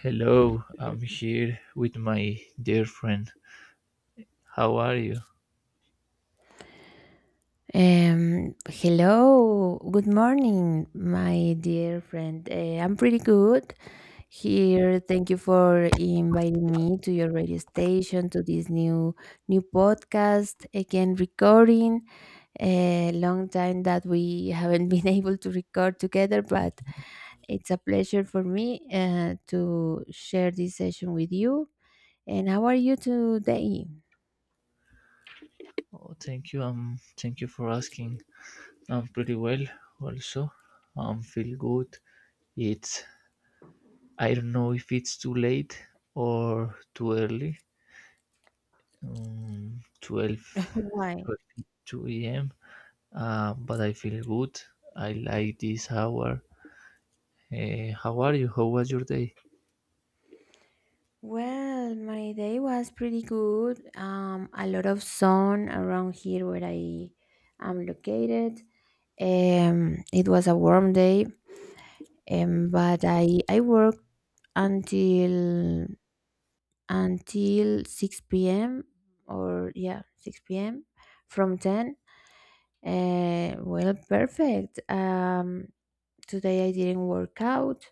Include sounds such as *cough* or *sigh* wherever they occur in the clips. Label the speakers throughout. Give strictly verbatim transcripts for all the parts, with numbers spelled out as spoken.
Speaker 1: Hello, I'm here with my dear friend. How are you?
Speaker 2: Um, hello, good morning, my dear friend. Uh, I'm pretty good here. Thank you for inviting me to your radio station to this new new podcast again recording. A long time that we haven't been *laughs* able to record together, but it's a pleasure for me uh, to share this session with you. And how are you today?
Speaker 1: Oh, thank you. Um, thank you for asking. I'm pretty well. Also, I'm feel good. It's I don't know if it's too late or too early. Um, twelve
Speaker 2: Why?
Speaker 1: a m. Uh, but I feel good. I like this hour. Eh, how are you? How was your day?
Speaker 2: Well, my day was pretty good. Um, a lot of sun around here where I am located. Um, it was a warm day, um, but I I worked until until six p m or yeah, six p m from ten. Uh, well, perfect. Um, today I didn't work out.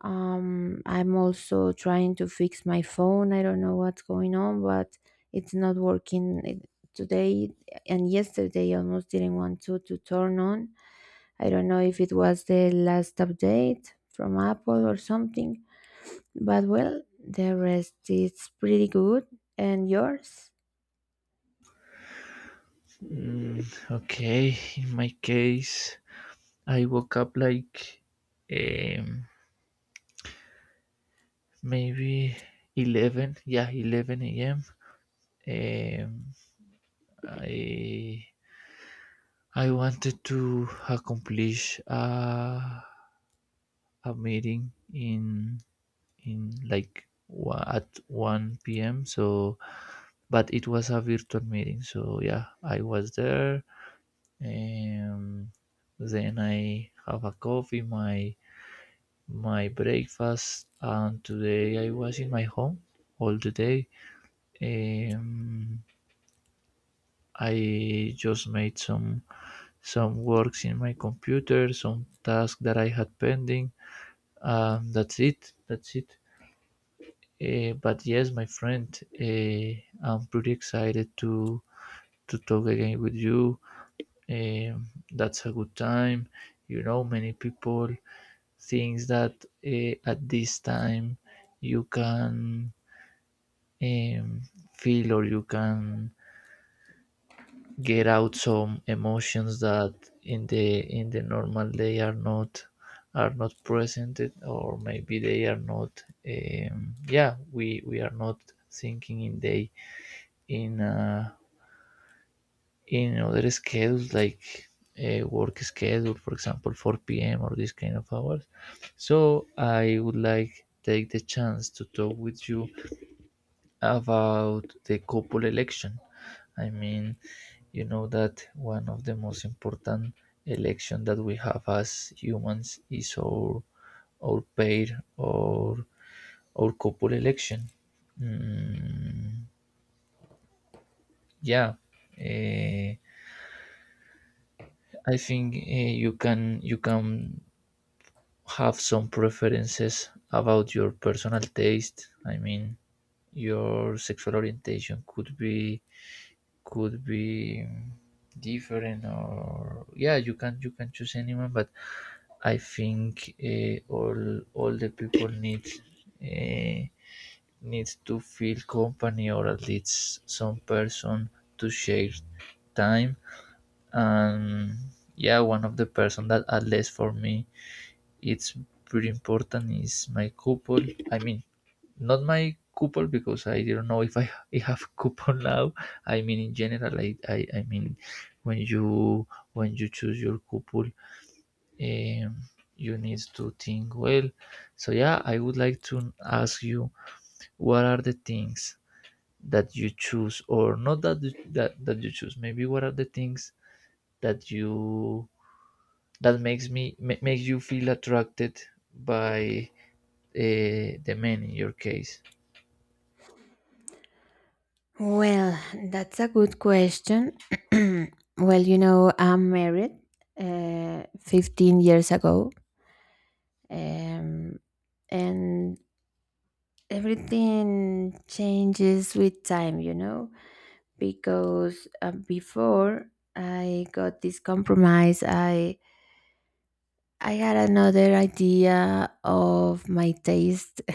Speaker 2: Um, I'm also trying to fix my phone. I don't know what's going on, but it's not working It- today and yesterday. I almost didn't want to to turn on. I don't know if it was the last update from Apple or something, but well, the rest is pretty good. And yours?
Speaker 1: Mm, okay. In my case, I woke up like um, maybe eleven, yeah, eleven a m. Um, I I wanted to accomplish a, a meeting in in like wa- at one p m. So, but it was a virtual meeting. So yeah, I was there. Um, then I have a coffee. My my breakfast, and today I was in my home all the day. Um, I just made some some works in my computer, some tasks that I had pending. Um, that's it. That's it. Uh, but yes, my friend, uh, I'm pretty excited to to talk again with you. Um, that's a good time. You know, many people thinks that uh, at this time you can um, feel, or you can get out some emotions that in the in the normal day are not are not presented, or maybe they are not, um, yeah, we we are not thinking in day in uh, in other schedules like a work schedule, for example, four p m or this kind of hours. So I would like take the chance to talk with you about the couple election. I mean, you know that one of the most important elections that we have as humans is our our pair, or our couple election. Mm, yeah, eh, I think eh, you can you can have some preferences about your personal taste. I mean, your sexual orientation could be could be different, or yeah, you can you can choose anyone, but I think uh, all all the people need uh, need to feel company, or at least some person to share time. And yeah, one of the person that at least for me it's pretty important is my couple. I mean, not my coupon, because I don't know if I, I have *laughs* coupon now. I mean in general, I, I, I mean, when you when you choose your coupon, um, you need to think well. So yeah, I would like to ask you what are the things that you choose or not, that you- that, that you choose. Maybe what are the things that you that makes me ma- makes you feel attracted by uh, the men in your case.
Speaker 2: Well, that's a good question. *clears throat* Well, you know, I'm married uh, fifteen years ago. um, and everything changes with time, you know, because uh, before I got this compromise, i i had another idea of my taste *laughs*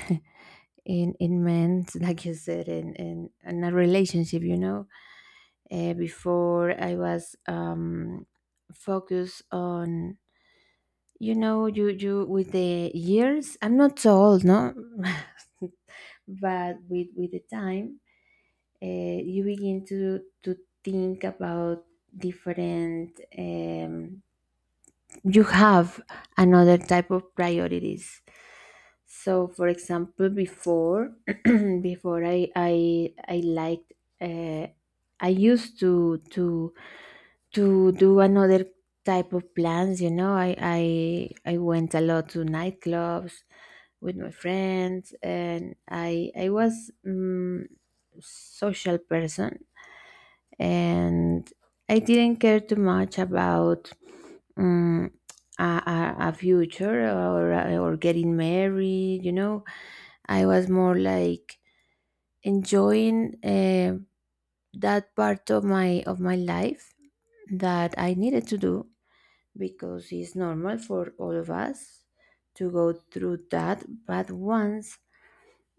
Speaker 2: in in men, *laughs* like you said, in in, in a relationship, you know. Uh, before I was um focused on, you know, you you with the years I'm not so old, no. *laughs* But with with the time, uh, you begin to to think about different, um, you have another type of priorities. So for example, before, *clears throat* before i i i liked, uh, I used to to to do another type of plans, you know. I i i went a lot to nightclubs with my friends, and i i was, um, social person, and I didn't care too much about, um, a, a, a future or or getting married, you know. I was more like enjoying uh, that part of my of my life that I needed to do because it's normal for all of us to go through that. But once,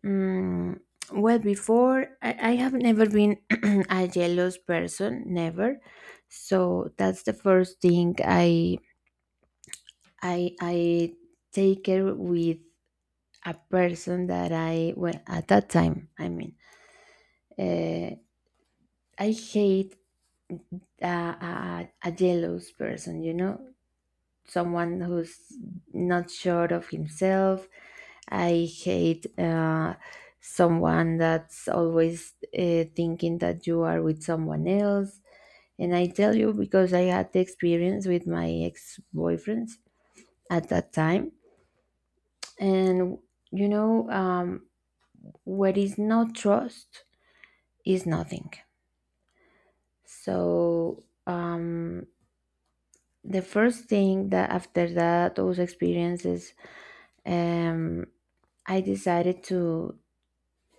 Speaker 2: mm, well, before, I, I have never been *clears throat* a jealous person, never. So that's the first thing I I I take care with, a person that I, well, at that time. I mean, uh, I hate a, a, a jealous person, you know. Someone who's not sure of himself. I hate uh, someone that's always uh, thinking that you are with someone else. And I tell you, because I had the experience with my ex boyfriends at that time. And, you know, um, what is not trust is nothing. So, um, the first thing that after that, those experiences, um, I decided to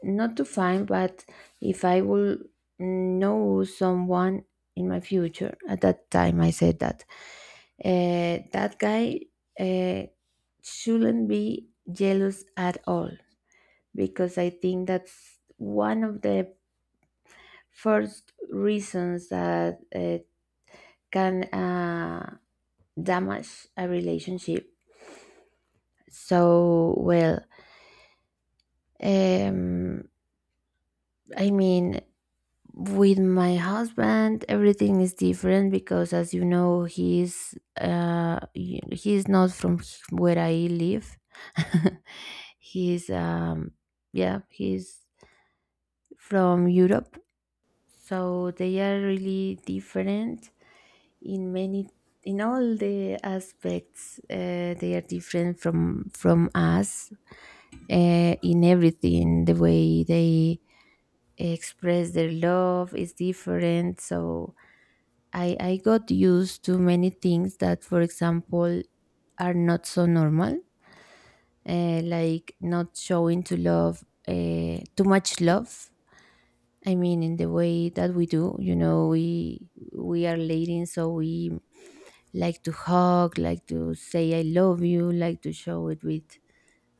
Speaker 2: not to find, but if I will know someone in my future, at that time I said that uh, that guy uh, shouldn't be jealous at all, because I think that's one of the first reasons that uh, can uh, damage a relationship. So well, um, I mean, with my husband, everything is different because, as you know, he's uh, y- he's not from h- where I live. *laughs* He's um, yeah, he's from Europe, so they are really different in many, in all the aspects. Uh, they are different from from us uh, in everything. The way they express their love is different, so I, I got used to many things that, for example, are not so normal, uh, like not showing to love uh, too much love. I mean, in the way that we do, you know, we we are ladies, so we like to hug, like to say "I love you," like to show it with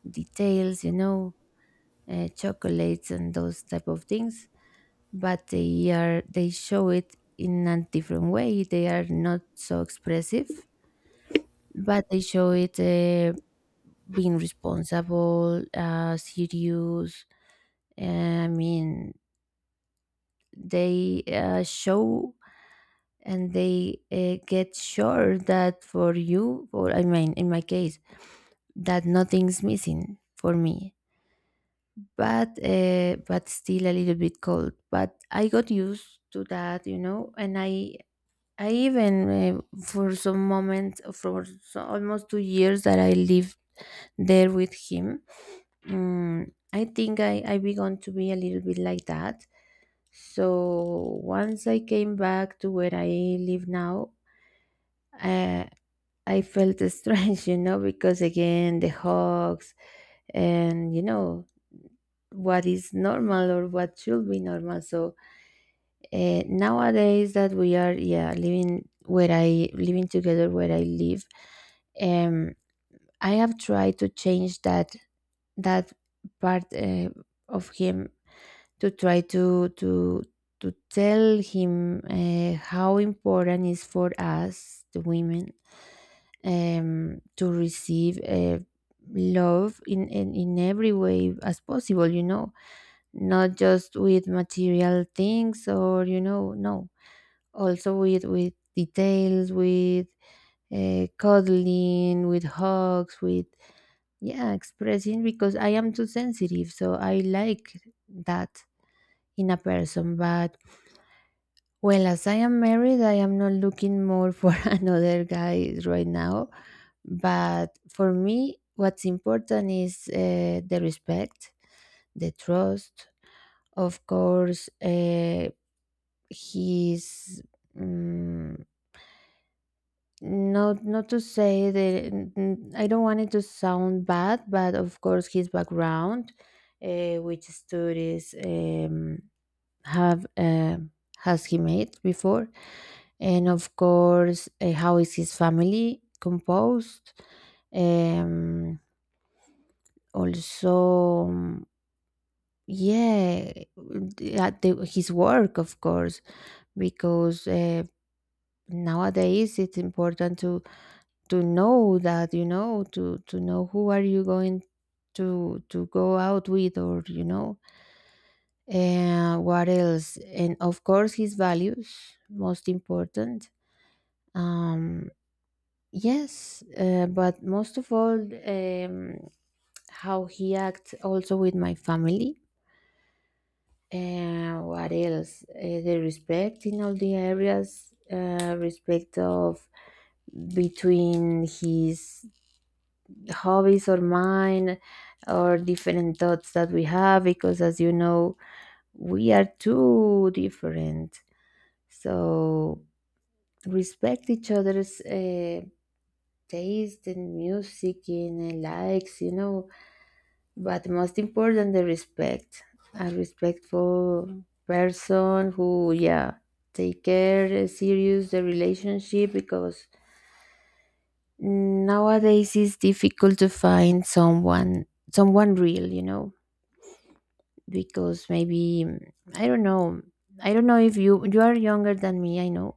Speaker 2: details, you know, uh, chocolates and those type of things. But they are, they show it in a different way. They are not so expressive, but they show it uh, being responsible, uh, serious. eh, I mean, they uh, show and they uh, get sure that for you, or I mean, in my case, that nothing's missing for me. But uh, but still a little bit cold. But I got used to that, you know, and I. I even, uh, for some moment, for so almost two years that I lived there with him, Mm, I think I, I began to be a little bit like that. So once I came back to where I live now, uh, I felt *laughs* strange, you know, because again, the hugs and, you know, what is normal or what should be normal. So uh, nowadays that we are, yeah, living where I, living together where I live, um, I have tried to change that, that part uh, of him, to try to to to tell him uh, how important is for us the women, um, to receive uh, love in, in in every way as possible, you know. Not just with material things or, you know, no, also with with details, with uh, cuddling, with hugs, with yeah, expressing, because I am too sensitive, so I like that in a person. But well, as I am married, I am not looking more for *laughs* another guy right now. But for me, what's important is uh, the respect, the trust. Of course, uh, he's um, not, not to say that n- n- I don't want it to sound bad, but of course, his background, uh, which studies. Um, have uh, has he made before, and of course uh, how is his family composed. um also, um, yeah, the- uh, the- his work, of course, because uh, nowadays it's important to to know that, you know, to to know who are you going to to go out with, or you know. Uh, what else? And of course, his values, most important. Um, yes, uh, but most of all, um, how he acts also with my family. Uh, what else? Uh, the respect in all the areas, uh, respect of between his hobbies or mine, or different thoughts that we have, because as you know, we are too different. So respect each other's uh, taste in music, in uh, likes, you know. But most important, the respect. A respectful person who, yeah, take care, uh, serious the relationship, because nowadays it's difficult to find someone, someone real, you know. Because maybe mm, I don't know. I don't know if you, you are younger than me, I know,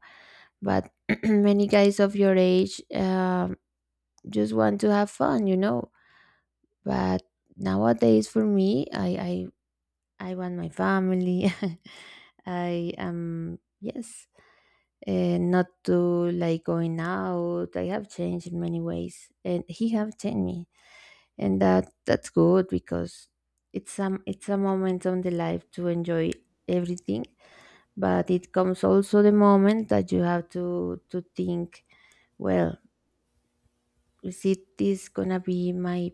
Speaker 2: but *clears throat* many guys of your age, um, just want to have fun, you know. But nowadays for me i i, I want my family. *laughs* I am yes, uh, not to like going out. I have changed in many ways and he have changed me, and that that's good because it's some, it's a moment on the life to enjoy everything. But it comes also the moment that you have to to think well, is it this gonna be my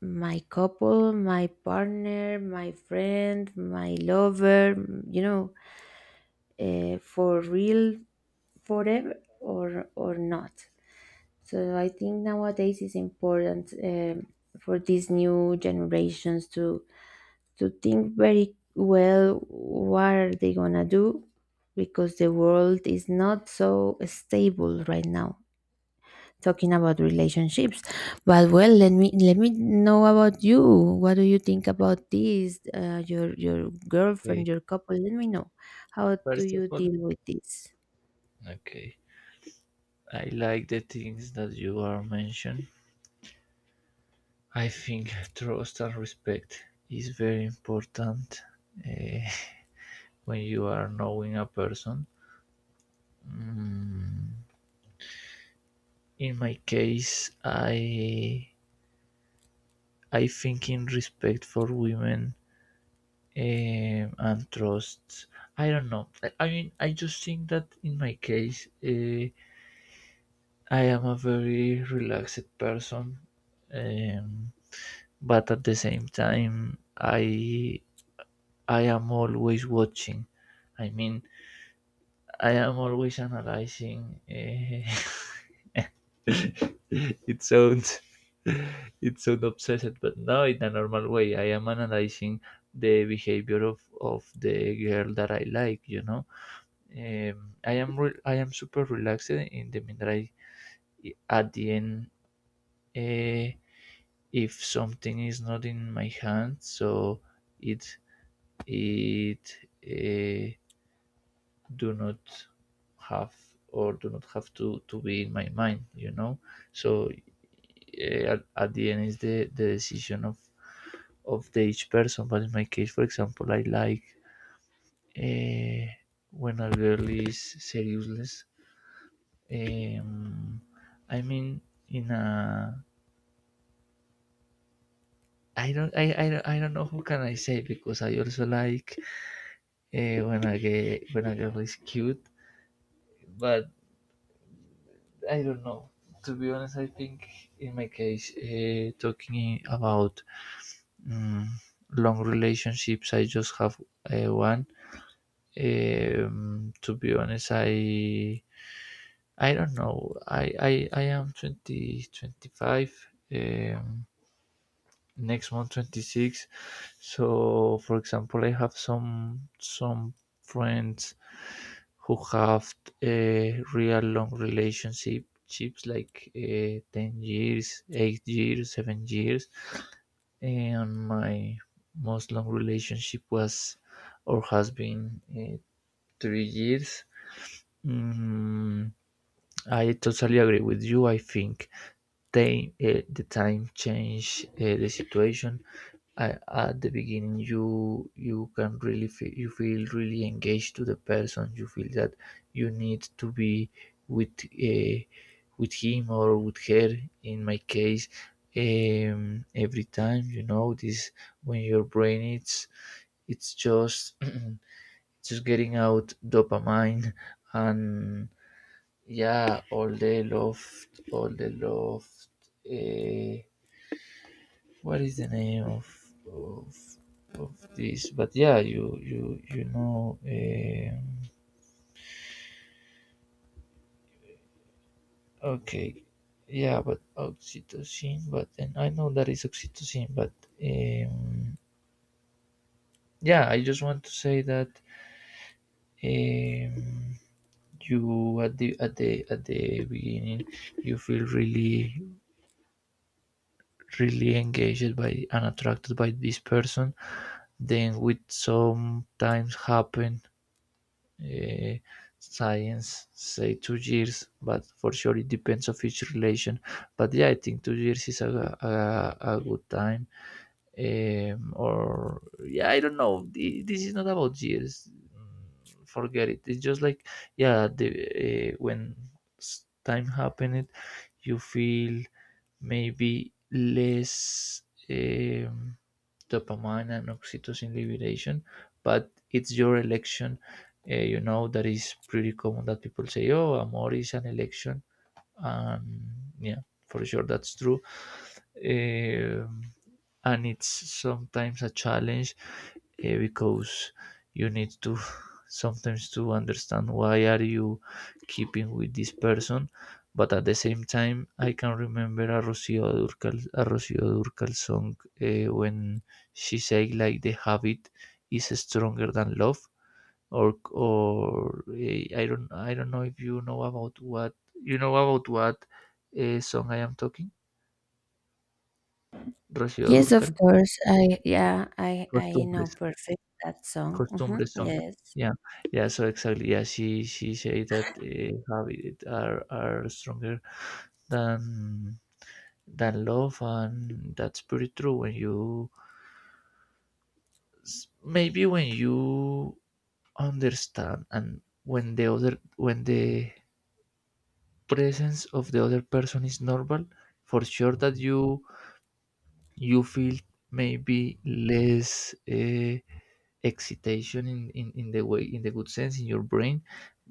Speaker 2: my couple, my partner, my friend, my lover, m- you know, uh, for real, forever, or or not. So I think nowadays it's important, um, for these new generations to to think very well what are they gonna do, because the world is not so stable right now, talking about relationships. But well, let me let me know about you. What do you think about this? Uh, your your
Speaker 1: Okay.
Speaker 2: girlfriend, your couple. Let me know. How do
Speaker 1: First of
Speaker 2: you
Speaker 1: all,
Speaker 2: deal with this?
Speaker 1: okay. I like the things that you are mentioned. I think trust and respect is very important eh, when you are knowing a person. Mm, in my case, I I think in respect for women, eh, and trust. I don't know. I, I mean, I just think that in my case, eh, I am a very relaxed person, um, but at the same time, I I am always watching. I mean, I am always analyzing. Eh, *laughs* it sounds *laughs* it sounds obsessed, but no, in a normal way. I am analyzing the behavior of of the girl that I like. You know, um, I am re- I am super relaxed in the minute I at the end. eh, if something is not in my hand, so it it. eh, do not have, or do not have to, to be in my mind, you know so eh, at, at the end is the, the decision of, of the each person. But in my case, for example, I like eh, when a girl is seriousless, um, I mean, in a I don't I, I, don't- I don't know who can I say, because I also like eh, when a gay, when a girl is cute. But I don't know. To be honest, I think in my case, uh, talking about mm, long relationships, I just have uh, one. Um, to be honest, I I don't know. I I, I am twenty twenty five. Um, Next month twenty-six. So, for example, I have some some friends who have a real long relationship chips like uh, ten years, eight years, seven years. And my most long relationship was, or has been, uh, three years. Mm, I totally agree with you. I think they, uh, the time change, uh, the situation. I, at the beginning, you you can really feel, you feel really engaged to the person. You feel that you need to be with uh, with him, or with her, in my case. Um, every time, you know this, when your brain it's it's just *clears throat* just getting out dopamine, and yeah, all the love, all the love. uh, what is the name of of of this? But yeah, you you you know. Um, okay, yeah, but oxytocin. But and I know that is oxytocin. But um, yeah, I just want to say that um, you at the at the at the beginning, you feel really really engaged by, and attracted by, this person. Then with sometimes happen. eh, Science say two years, but for sure it depends of each relation. But yeah, I think two years is a, a, a good time. Um, or yeah, I don't know. Th- this is not about years. Mm, forget it. It's just like, yeah, the uh, when s- time happened, you feel maybe less um, dopamine and oxytocin liberation, but it's your election. Uh, you know that is pretty common that people say, "Oh, amor is an election," and yeah, for sure that's true. Um and it's sometimes a challenge, eh, because you need to *laughs* sometimes to understand why are you keeping with this person. But at the same time, I can remember a rocio durcal a Rocio Durcal song, eh, when she said, like, the habit is stronger than love, or or eh, I don't I don't know if you know about what you know about what uh, song I am talking. Rocío
Speaker 2: Yes, of
Speaker 1: Durcal,
Speaker 2: course. I yeah, I I know
Speaker 1: Costumbres,
Speaker 2: perfect that song. Hmm.
Speaker 1: Costumbres song.
Speaker 2: Yes.
Speaker 1: Yeah, yeah. So exactly, yeah. She she say that uh, habits are are stronger than than love, and that's pretty true. When you s- maybe when you understand, and when the other when the presence of the other person is normal, for sure that you you feel maybe less uh, excitation in, in in the way, in the good sense, in your brain,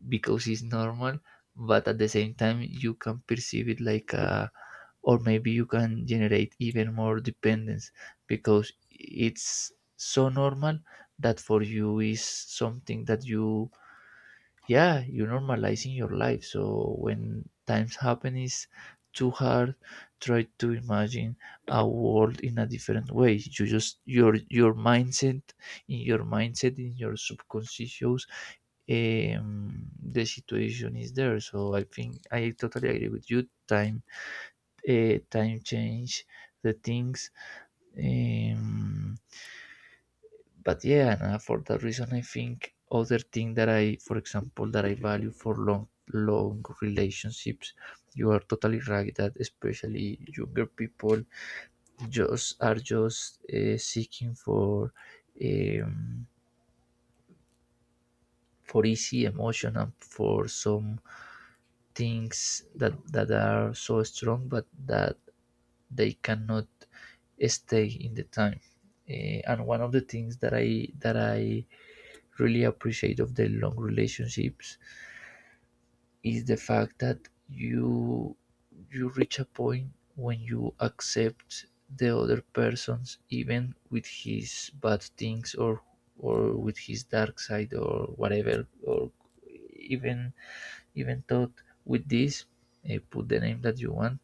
Speaker 1: because it's normal. But at the same time, you can perceive it like a or maybe you can generate even more dependence, because it's so normal that for you is something that you, yeah, you normalizing your life. So when times happen is too hard, try to imagine a world in a different way, you just your your mindset in your mindset in your subconscious. Um, the situation is there. So I think I totally agree with you. Time, uh, time change the things, um, but yeah, nah, for that reason, I think other thing that I, for example, that I value for long long relationships. You are totally right that especially younger people just are just uh, seeking for, um, for easy emotion, and for some things that that are so strong, but that they cannot stay in the time. Eh, and one of the things that i that i really appreciate of the long relationships is the fact that you you reach a point when you accept the other person's, even with his bad things, or or with his dark side, or whatever, or even even thought with this, uh, put the name that you want.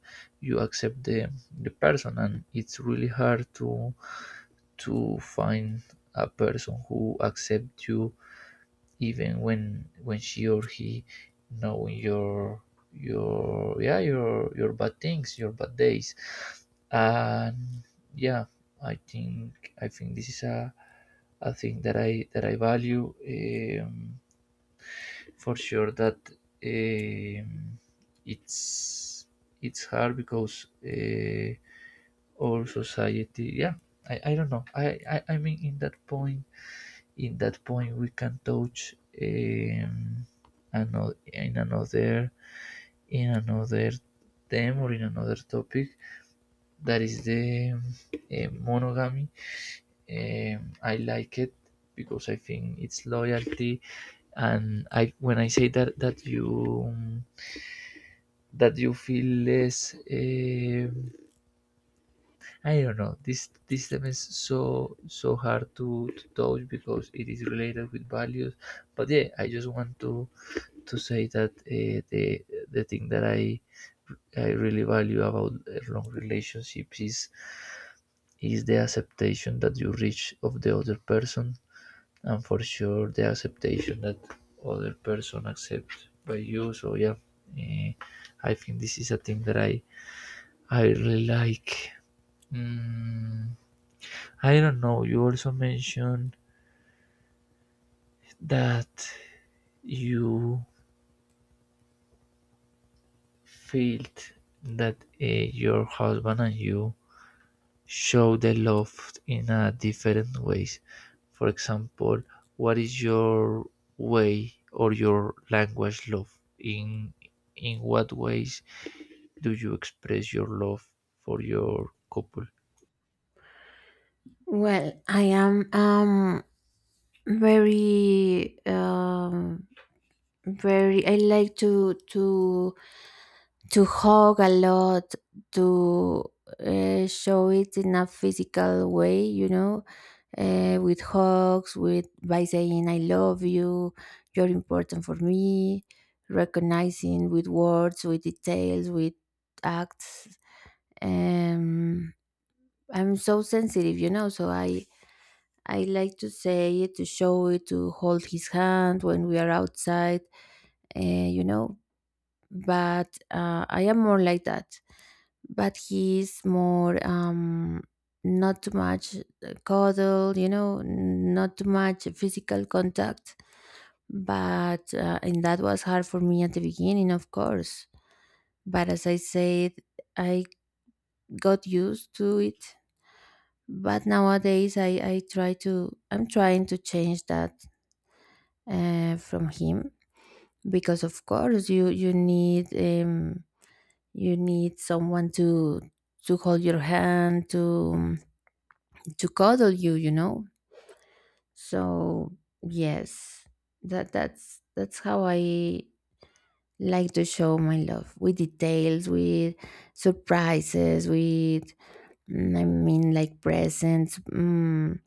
Speaker 1: You accept the the person, and it's really hard to to find a person who accepts you, even when when she or he knowing your your yeah your your bad things, your bad days. And yeah, I think i think this is a a thing that i that i value. um, for sure that um, it's it's hard, because uh, our society, yeah. I, I don't know. I, I I mean, in that point, in that point we can touch um, another in another in another theme, or in another topic, that is the um, uh, monogamy. um, I like it, because I think it's loyalty. And I, when I say that that you um, that you feel less, um, I don't know, this this theme is so so hard to, to touch, because it is related with values. But yeah, I just want to to say that uh, the the thing that I I really value about long relationships is is the acceptation that you reach of the other person, and for sure the acceptation that other person accept by you. So yeah, eh, I think this is a thing that I I really like. Mm, I don't know. You also mentioned that you felt that uh, your husband and you show the love in a different ways. For example, what is your way or your language love? In in what ways do you express your love for your couple?
Speaker 2: Well, I am um very um very, I like to to to hug a lot, to uh, show it in a physical way, you know, uh, with hugs, with by saying I love you, you're important for me, recognizing with words, with details, with acts. um I'm so sensitive, you know, so i i like to say it, to show it, to hold his hand when we are outside, uh, you know. But uh, I am more like that. But he's more, um, not too much uh, cuddle, you know, not too much physical contact. But uh, and that was hard for me at the beginning, of course. But as I said, I got used to it. But nowadays, I I try to, I'm trying to change that uh, from him, because of course you you need. Um, you need someone to to hold your hand to to cuddle you you know So yes, that that's that's how I like to show my love with details, with surprises, with mm, I mean, like presents, mm,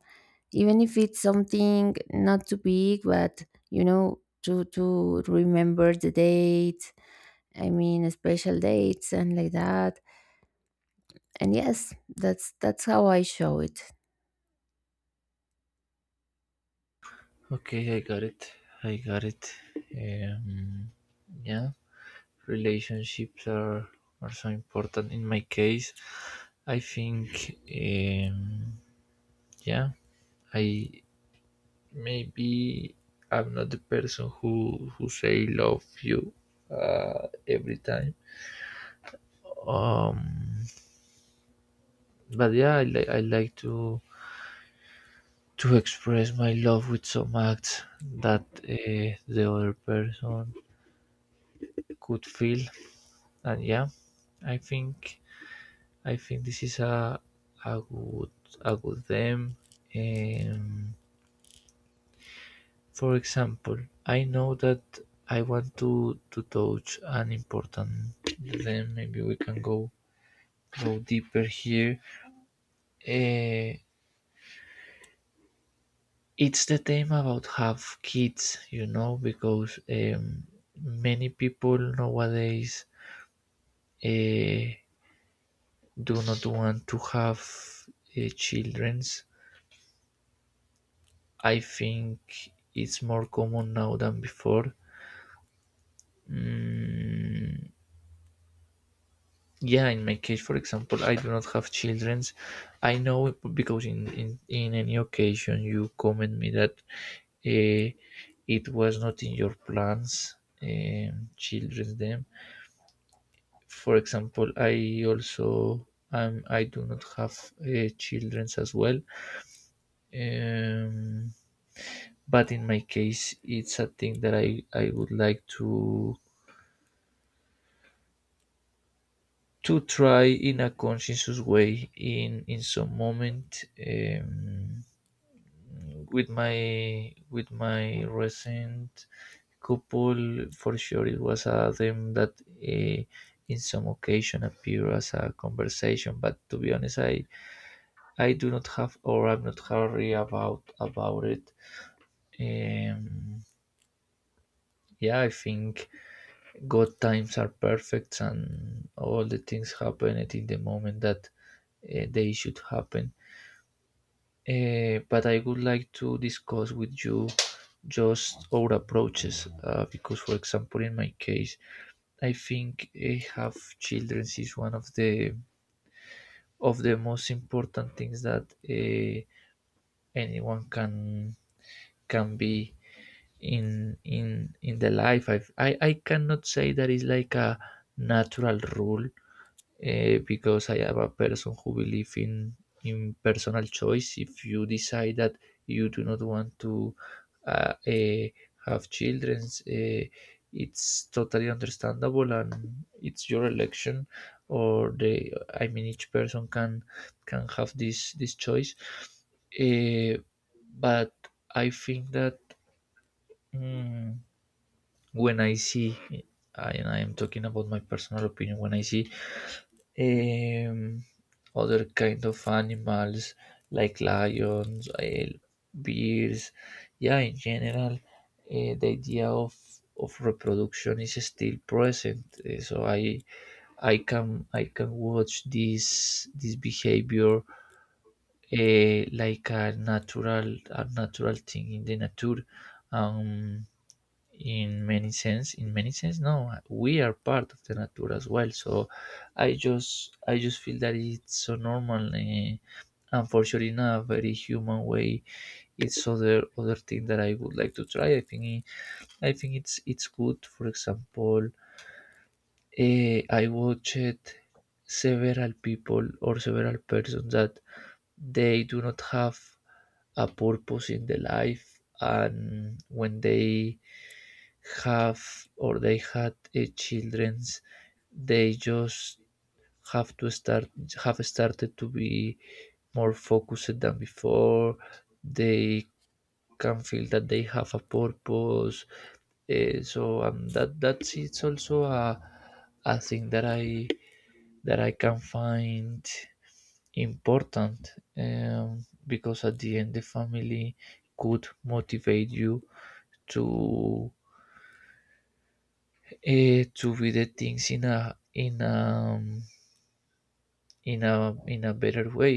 Speaker 2: even if it's something not too big, but you know, to to remember the date, I mean special dates and like that. And yes, that's that's how I show it.
Speaker 1: Okay, I got it. I got it. Um, yeah, relationships are are so important. In my case, I think, um, yeah, I maybe I'm not the person who who say love you, uh, every time. Um, but yeah, I, like I like to to express my love with some acts that, uh, the other person could feel, and yeah, I think I think this is a a good a good them. Um, For example, I know that I want to to touch an important, then maybe we can go go deeper here. Uh, it's the theme about have kids, you know, because um, many people nowadays, uh, do not want to have, uh, childrens. I think it's more common now than before. Mm, yeah, in my case, for example, I do not have childrens. I know because in in, in any occasion you comment me that, uh, it was not in your plans. Um, children them, for example, I also, um, I do not have, uh, childrens as well. um, but in my case it's a thing that i i would like to to try in a conscientious way in in some moment, um, with my with my recent couple, for sure, it was a theme that, uh, in some occasion appear as a conversation. But to be honest, I I do not have, or I'm not hurry about about it. Um, yeah, I think God times are perfect and all the things happen at in the moment that, uh, they should happen. Eh, but I would like to discuss with you just our approaches, uh, because, for example, in my case, I think, eh, have children is one of the of the most important things that, eh, anyone can can be in in in the life. I've, I I cannot say that is like a natural rule, uh, because I am a person who believe in in personal choice. If you decide that you do not want to, uh, uh, have children, uh, it's totally understandable and it's your election. Or the, I mean, each person can can have this this choice. Uh, but I think that, mm, when I see, and I am talking about my personal opinion, when I see, um, other kind of animals like lions, eh, bears. Yeah, in general, eh, the idea of of reproduction is still present. Eh, so I I can I can watch this this behavior, eh, like a natural a natural thing in the nature. Um, in many sense in many sense, no, we are part of the nature as well, so i just i just feel that it's so normal. Eh, and for sure in a very human way it's other other thing that I would like to try. I think i think it's it's good. For example, eh, I watched several people or several persons that they do not have a purpose in the life, and when they have or they had, uh, children, they just have to start have started to be more focused than before. They can feel that they have a purpose. Uh, so, um, that that's it's also a a thing that I that I can find important, um, because at the end the family could motivate you to, eh, to be the things in a in a in a in a better way.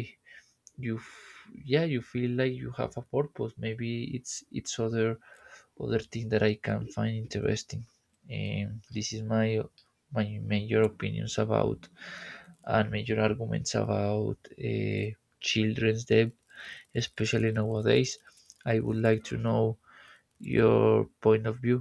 Speaker 1: you f- Yeah, you feel like you have a purpose. Maybe it's it's other other thing that I can find interesting. And this is my my major opinions about, and major arguments about, uh, children's debt, especially nowadays. I would like to know your point of view.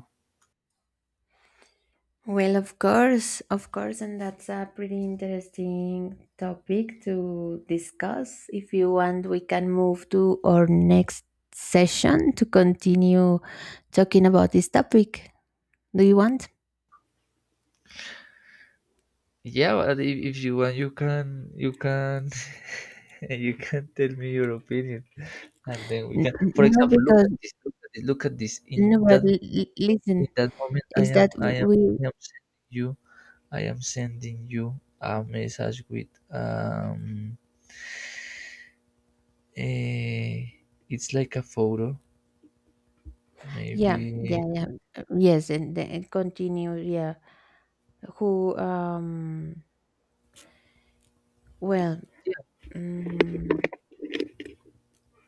Speaker 2: Well, of course, of course, and that's a pretty interesting topic to discuss. If you want, we can move to our next session to continue talking about this topic. Do you want?
Speaker 1: Yeah, but if, if you want, you can you can *laughs* you can tell me your opinion, and then we
Speaker 2: N-
Speaker 1: can,
Speaker 2: n-
Speaker 1: for
Speaker 2: no
Speaker 1: example, look
Speaker 2: because
Speaker 1: at this look at this, look at this. in
Speaker 2: no, but
Speaker 1: that
Speaker 2: l- l- listen,
Speaker 1: in that moment i
Speaker 2: is
Speaker 1: am
Speaker 2: that
Speaker 1: i am
Speaker 2: we,
Speaker 1: i am sending you i am sending you a message with, um eh, it's like a photo
Speaker 2: yeah,
Speaker 1: maybe.
Speaker 2: yeah, yeah, uh, yes, and then continue, yeah. Who um well,
Speaker 1: Yeah,
Speaker 2: mm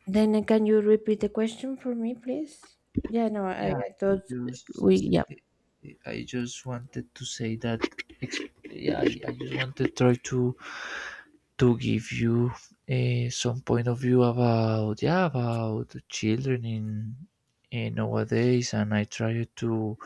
Speaker 2: then uh, can you repeat the question for me, please? Yeah, no, I,
Speaker 1: yeah,
Speaker 2: I
Speaker 1: i
Speaker 2: thought we,
Speaker 1: just
Speaker 2: yeah.
Speaker 1: i just wanted to say that, ex- yeah i, I just wanted to try to to give you, uh, some point of view about, yeah, about the children in, uh, nowadays, and I try to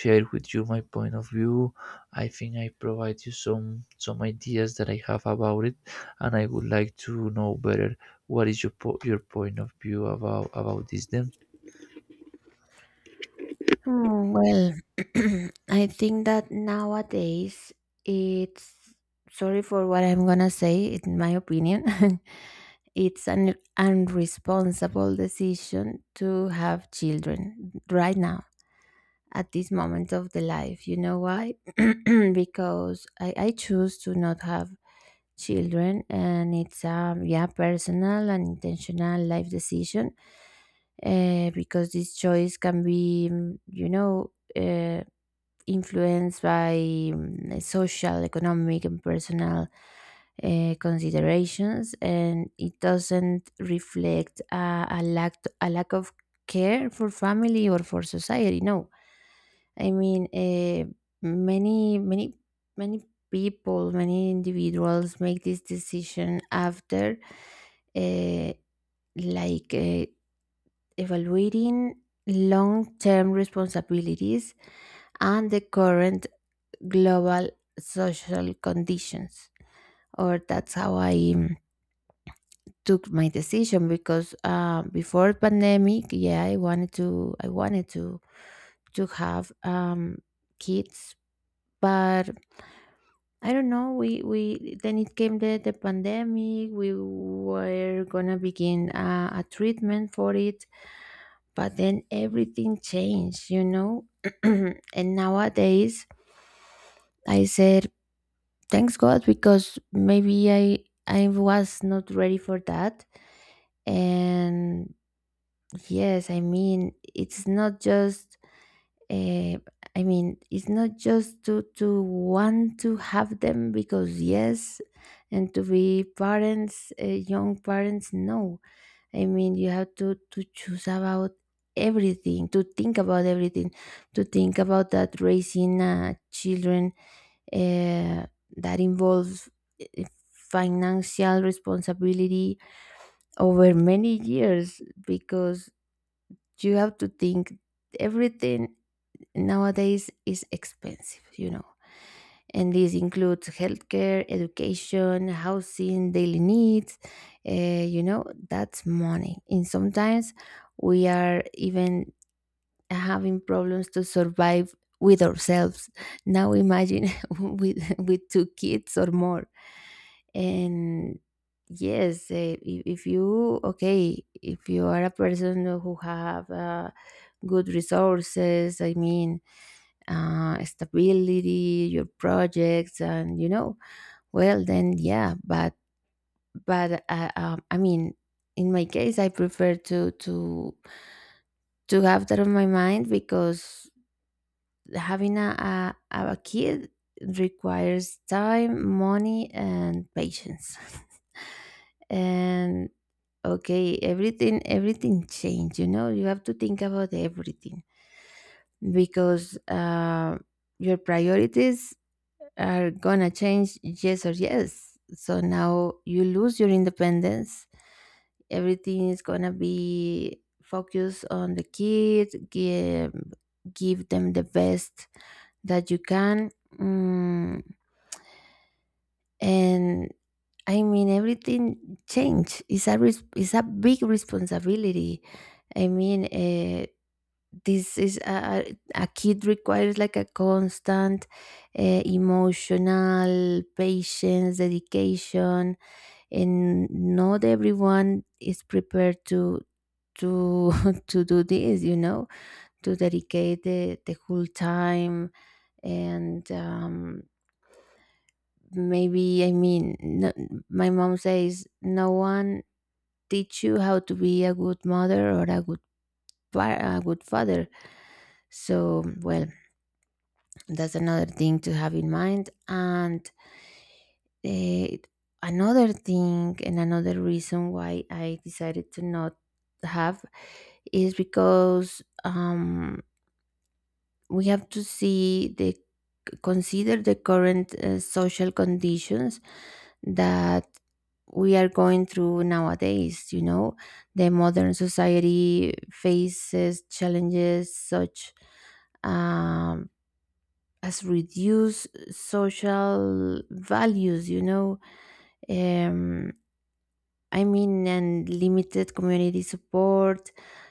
Speaker 1: share with you my point of view. I think I provide you some some ideas that I have about it, and I would like to know better what is your po- your point of view about about this then.
Speaker 2: Hmm, well, *clears throat* I think that nowadays it's, sorry for what I'm gonna say, in my opinion, *laughs* it's an unresponsible decision to have children right now at this moment of the life. You know why? *clears throat* Because I, I choose to not have children, and it's a, yeah, personal and intentional life decision, uh, because this choice can be, mm, you know, uh, influenced by, mm, social, economic and personal uh, considerations, and it doesn't reflect a, a lack, a lack of care for family or for society. No, I mean, eh, many, many, many people, many individuals make this decision after, uh, like, uh, evaluating long term responsibilities and the current global social conditions. Or that's how I, um, took my decision, because uh, before pandemic, yeah, I wanted to, I wanted to to have, um, kids, but I don't know. We we then it came the the pandemic. We were gonna begin a, a treatment for it, but then everything changed, you know. *clears throat* And nowadays, I said thanks God, because maybe I I was not ready for that. And yes, I mean, it's not just uh, I mean, it's not just to to want to have them because yes, and to be parents, uh, young parents. No, I mean, you have to to choose about everything, to think about everything, to think about that raising uh, children, uh, that involves uh, financial responsibility over many years, because you have to think everything nowadays is expensive, you know. And this includes healthcare, education, housing, daily needs. Eh, you know, that's money. And sometimes we are even having problems to survive with ourselves. Now imagine *laughs* with with two kids or more. And yes, eh, if, if you, okay, if you are a person who have uh, good resources, I mean, uh, stability, your projects, and you know, well, then yeah. But but uh, um, I mean, in my case, I prefer to to to have that on my mind, because having a a, a kid requires time, money, and patience. *laughs* And okay, everything everything changed. You know, you have to think about everything, because uh, your priorities are gonna change, yes or yes. So now you lose your independence. Everything is gonna be focused on the kid, give, give them the best that you can. Mm, and I mean, everything change. It's a, res- it's a big responsibility. I mean, uh, this is a, a kid requires like a constant uh, emotional patience dedication, and not everyone is prepared to to *laughs* to do this, you know, to dedicate the, the whole time. And um, maybe, I mean, no, my mom says no one teach you how to be a good mother or a good pa- a good father, so well, that's another thing to have in mind. And eh, another thing, and another reason why I decided to not have, is because um, we have to see the, consider the current uh, social conditions that we are going through nowadays, you know. The modern society faces challenges such um, as reduce social values, you know, um, I mean, and limited community support.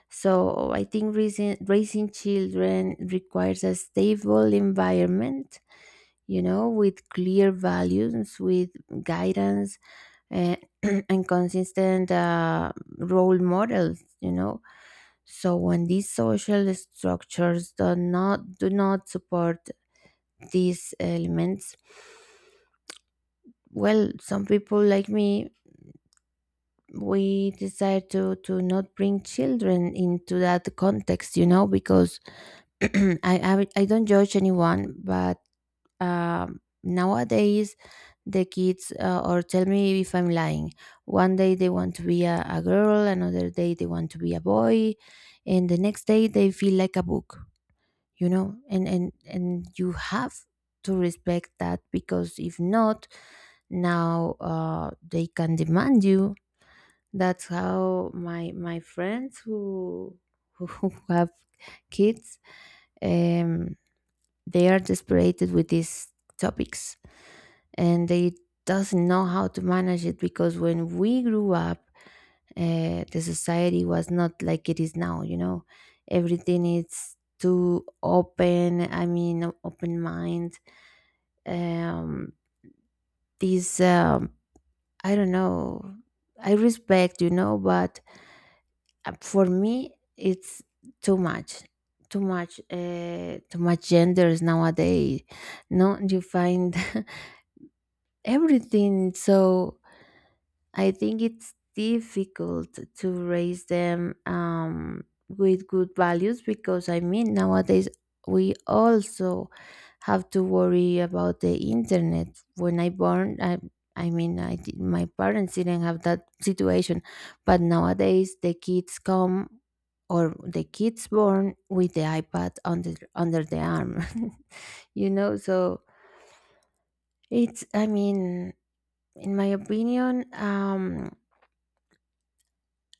Speaker 2: So I think raising, raising children requires a stable environment, you know, with clear values, with guidance, uh, *clears throat* and consistent uh, role models, you know. So when these social structures do not do not support these elements, well, some people like me, we decide to to not bring children into that context, you know, because *clears throat* I, I i don't judge anyone, but um nowadays the kids uh, or tell me if I'm lying, one day they want to be a, a girl, another day they want to be a boy, and the next day they feel like a book, you know. And and and you have to respect that, because if not, now uh, they can demand you. That's how my my friends who *laughs* who have kids, um, they are desperate with these topics, and they doesn't know how to manage it, because when we grew up, uh, the society was not like it is now, you know. Everything is too open, I mean open mind, um, these um, I don't know. I respect, you know, but uh, for me, it's too much, too much, uh, too much genders nowadays. No, you find *laughs* everything so. I think it's difficult to raise them, um, with good values, because I mean nowadays we also have to worry about the internet. When I born, I, I mean I did, my parents didn't have that situation, but nowadays the kids come, or the kids born with the iPad under under the arm, *laughs* you know. So it's, I mean, in my opinion. Um,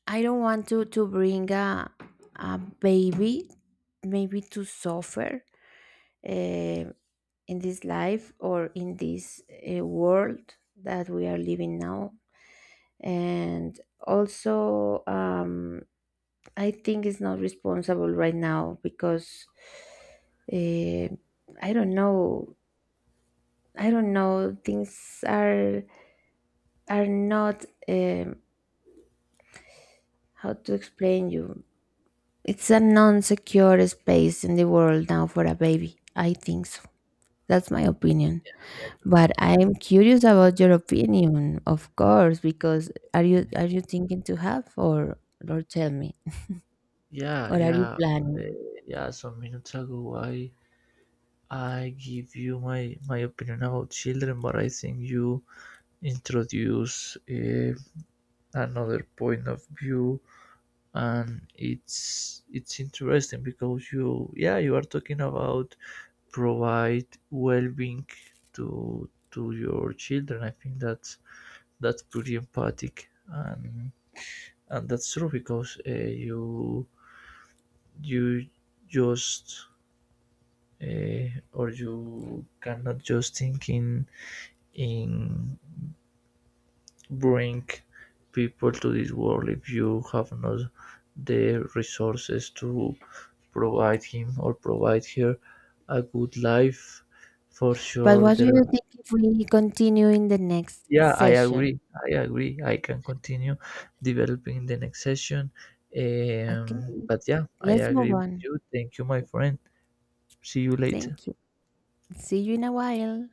Speaker 2: I don't want to to bring a a baby maybe to suffer, eh, in this life or in this uh, world that we are living now. And also, um, I think it's not responsible right now, because uh, I don't know. I don't know. Things are are not, um, how to explain you. It's a non secure space in the world now for a baby. I think so. That's my opinion. But I'm curious about your opinion, of course, because are you,
Speaker 1: Eh,
Speaker 2: are you thinking to have, or or tell me?
Speaker 1: yeah,
Speaker 2: Or are you
Speaker 1: yeah, uh,
Speaker 2: planning?
Speaker 1: yeah, some minutes ago i i give you my my opinion about children, but I think you introduce, uh, another point of view, and it's it's interesting because you, yeah, you are talking about provide well-being to to your children. I think that's that's pretty empathic, and and that's true because, uh, you you just, uh, or you cannot just think in, in bring people to this world if you have not the resources to provide him or provide her a good life. For
Speaker 2: But
Speaker 1: sure
Speaker 2: what do
Speaker 1: there
Speaker 2: you
Speaker 1: are...
Speaker 2: think if we continue in the next
Speaker 1: Yeah, I
Speaker 2: session?
Speaker 1: agree. I agree, I can continue developing the next session.
Speaker 2: Okay,
Speaker 1: Um, but yeah, I
Speaker 2: let's move
Speaker 1: agree with
Speaker 2: on.
Speaker 1: you. Thank you, my friend. See you later.
Speaker 2: Thank you. See you in a while.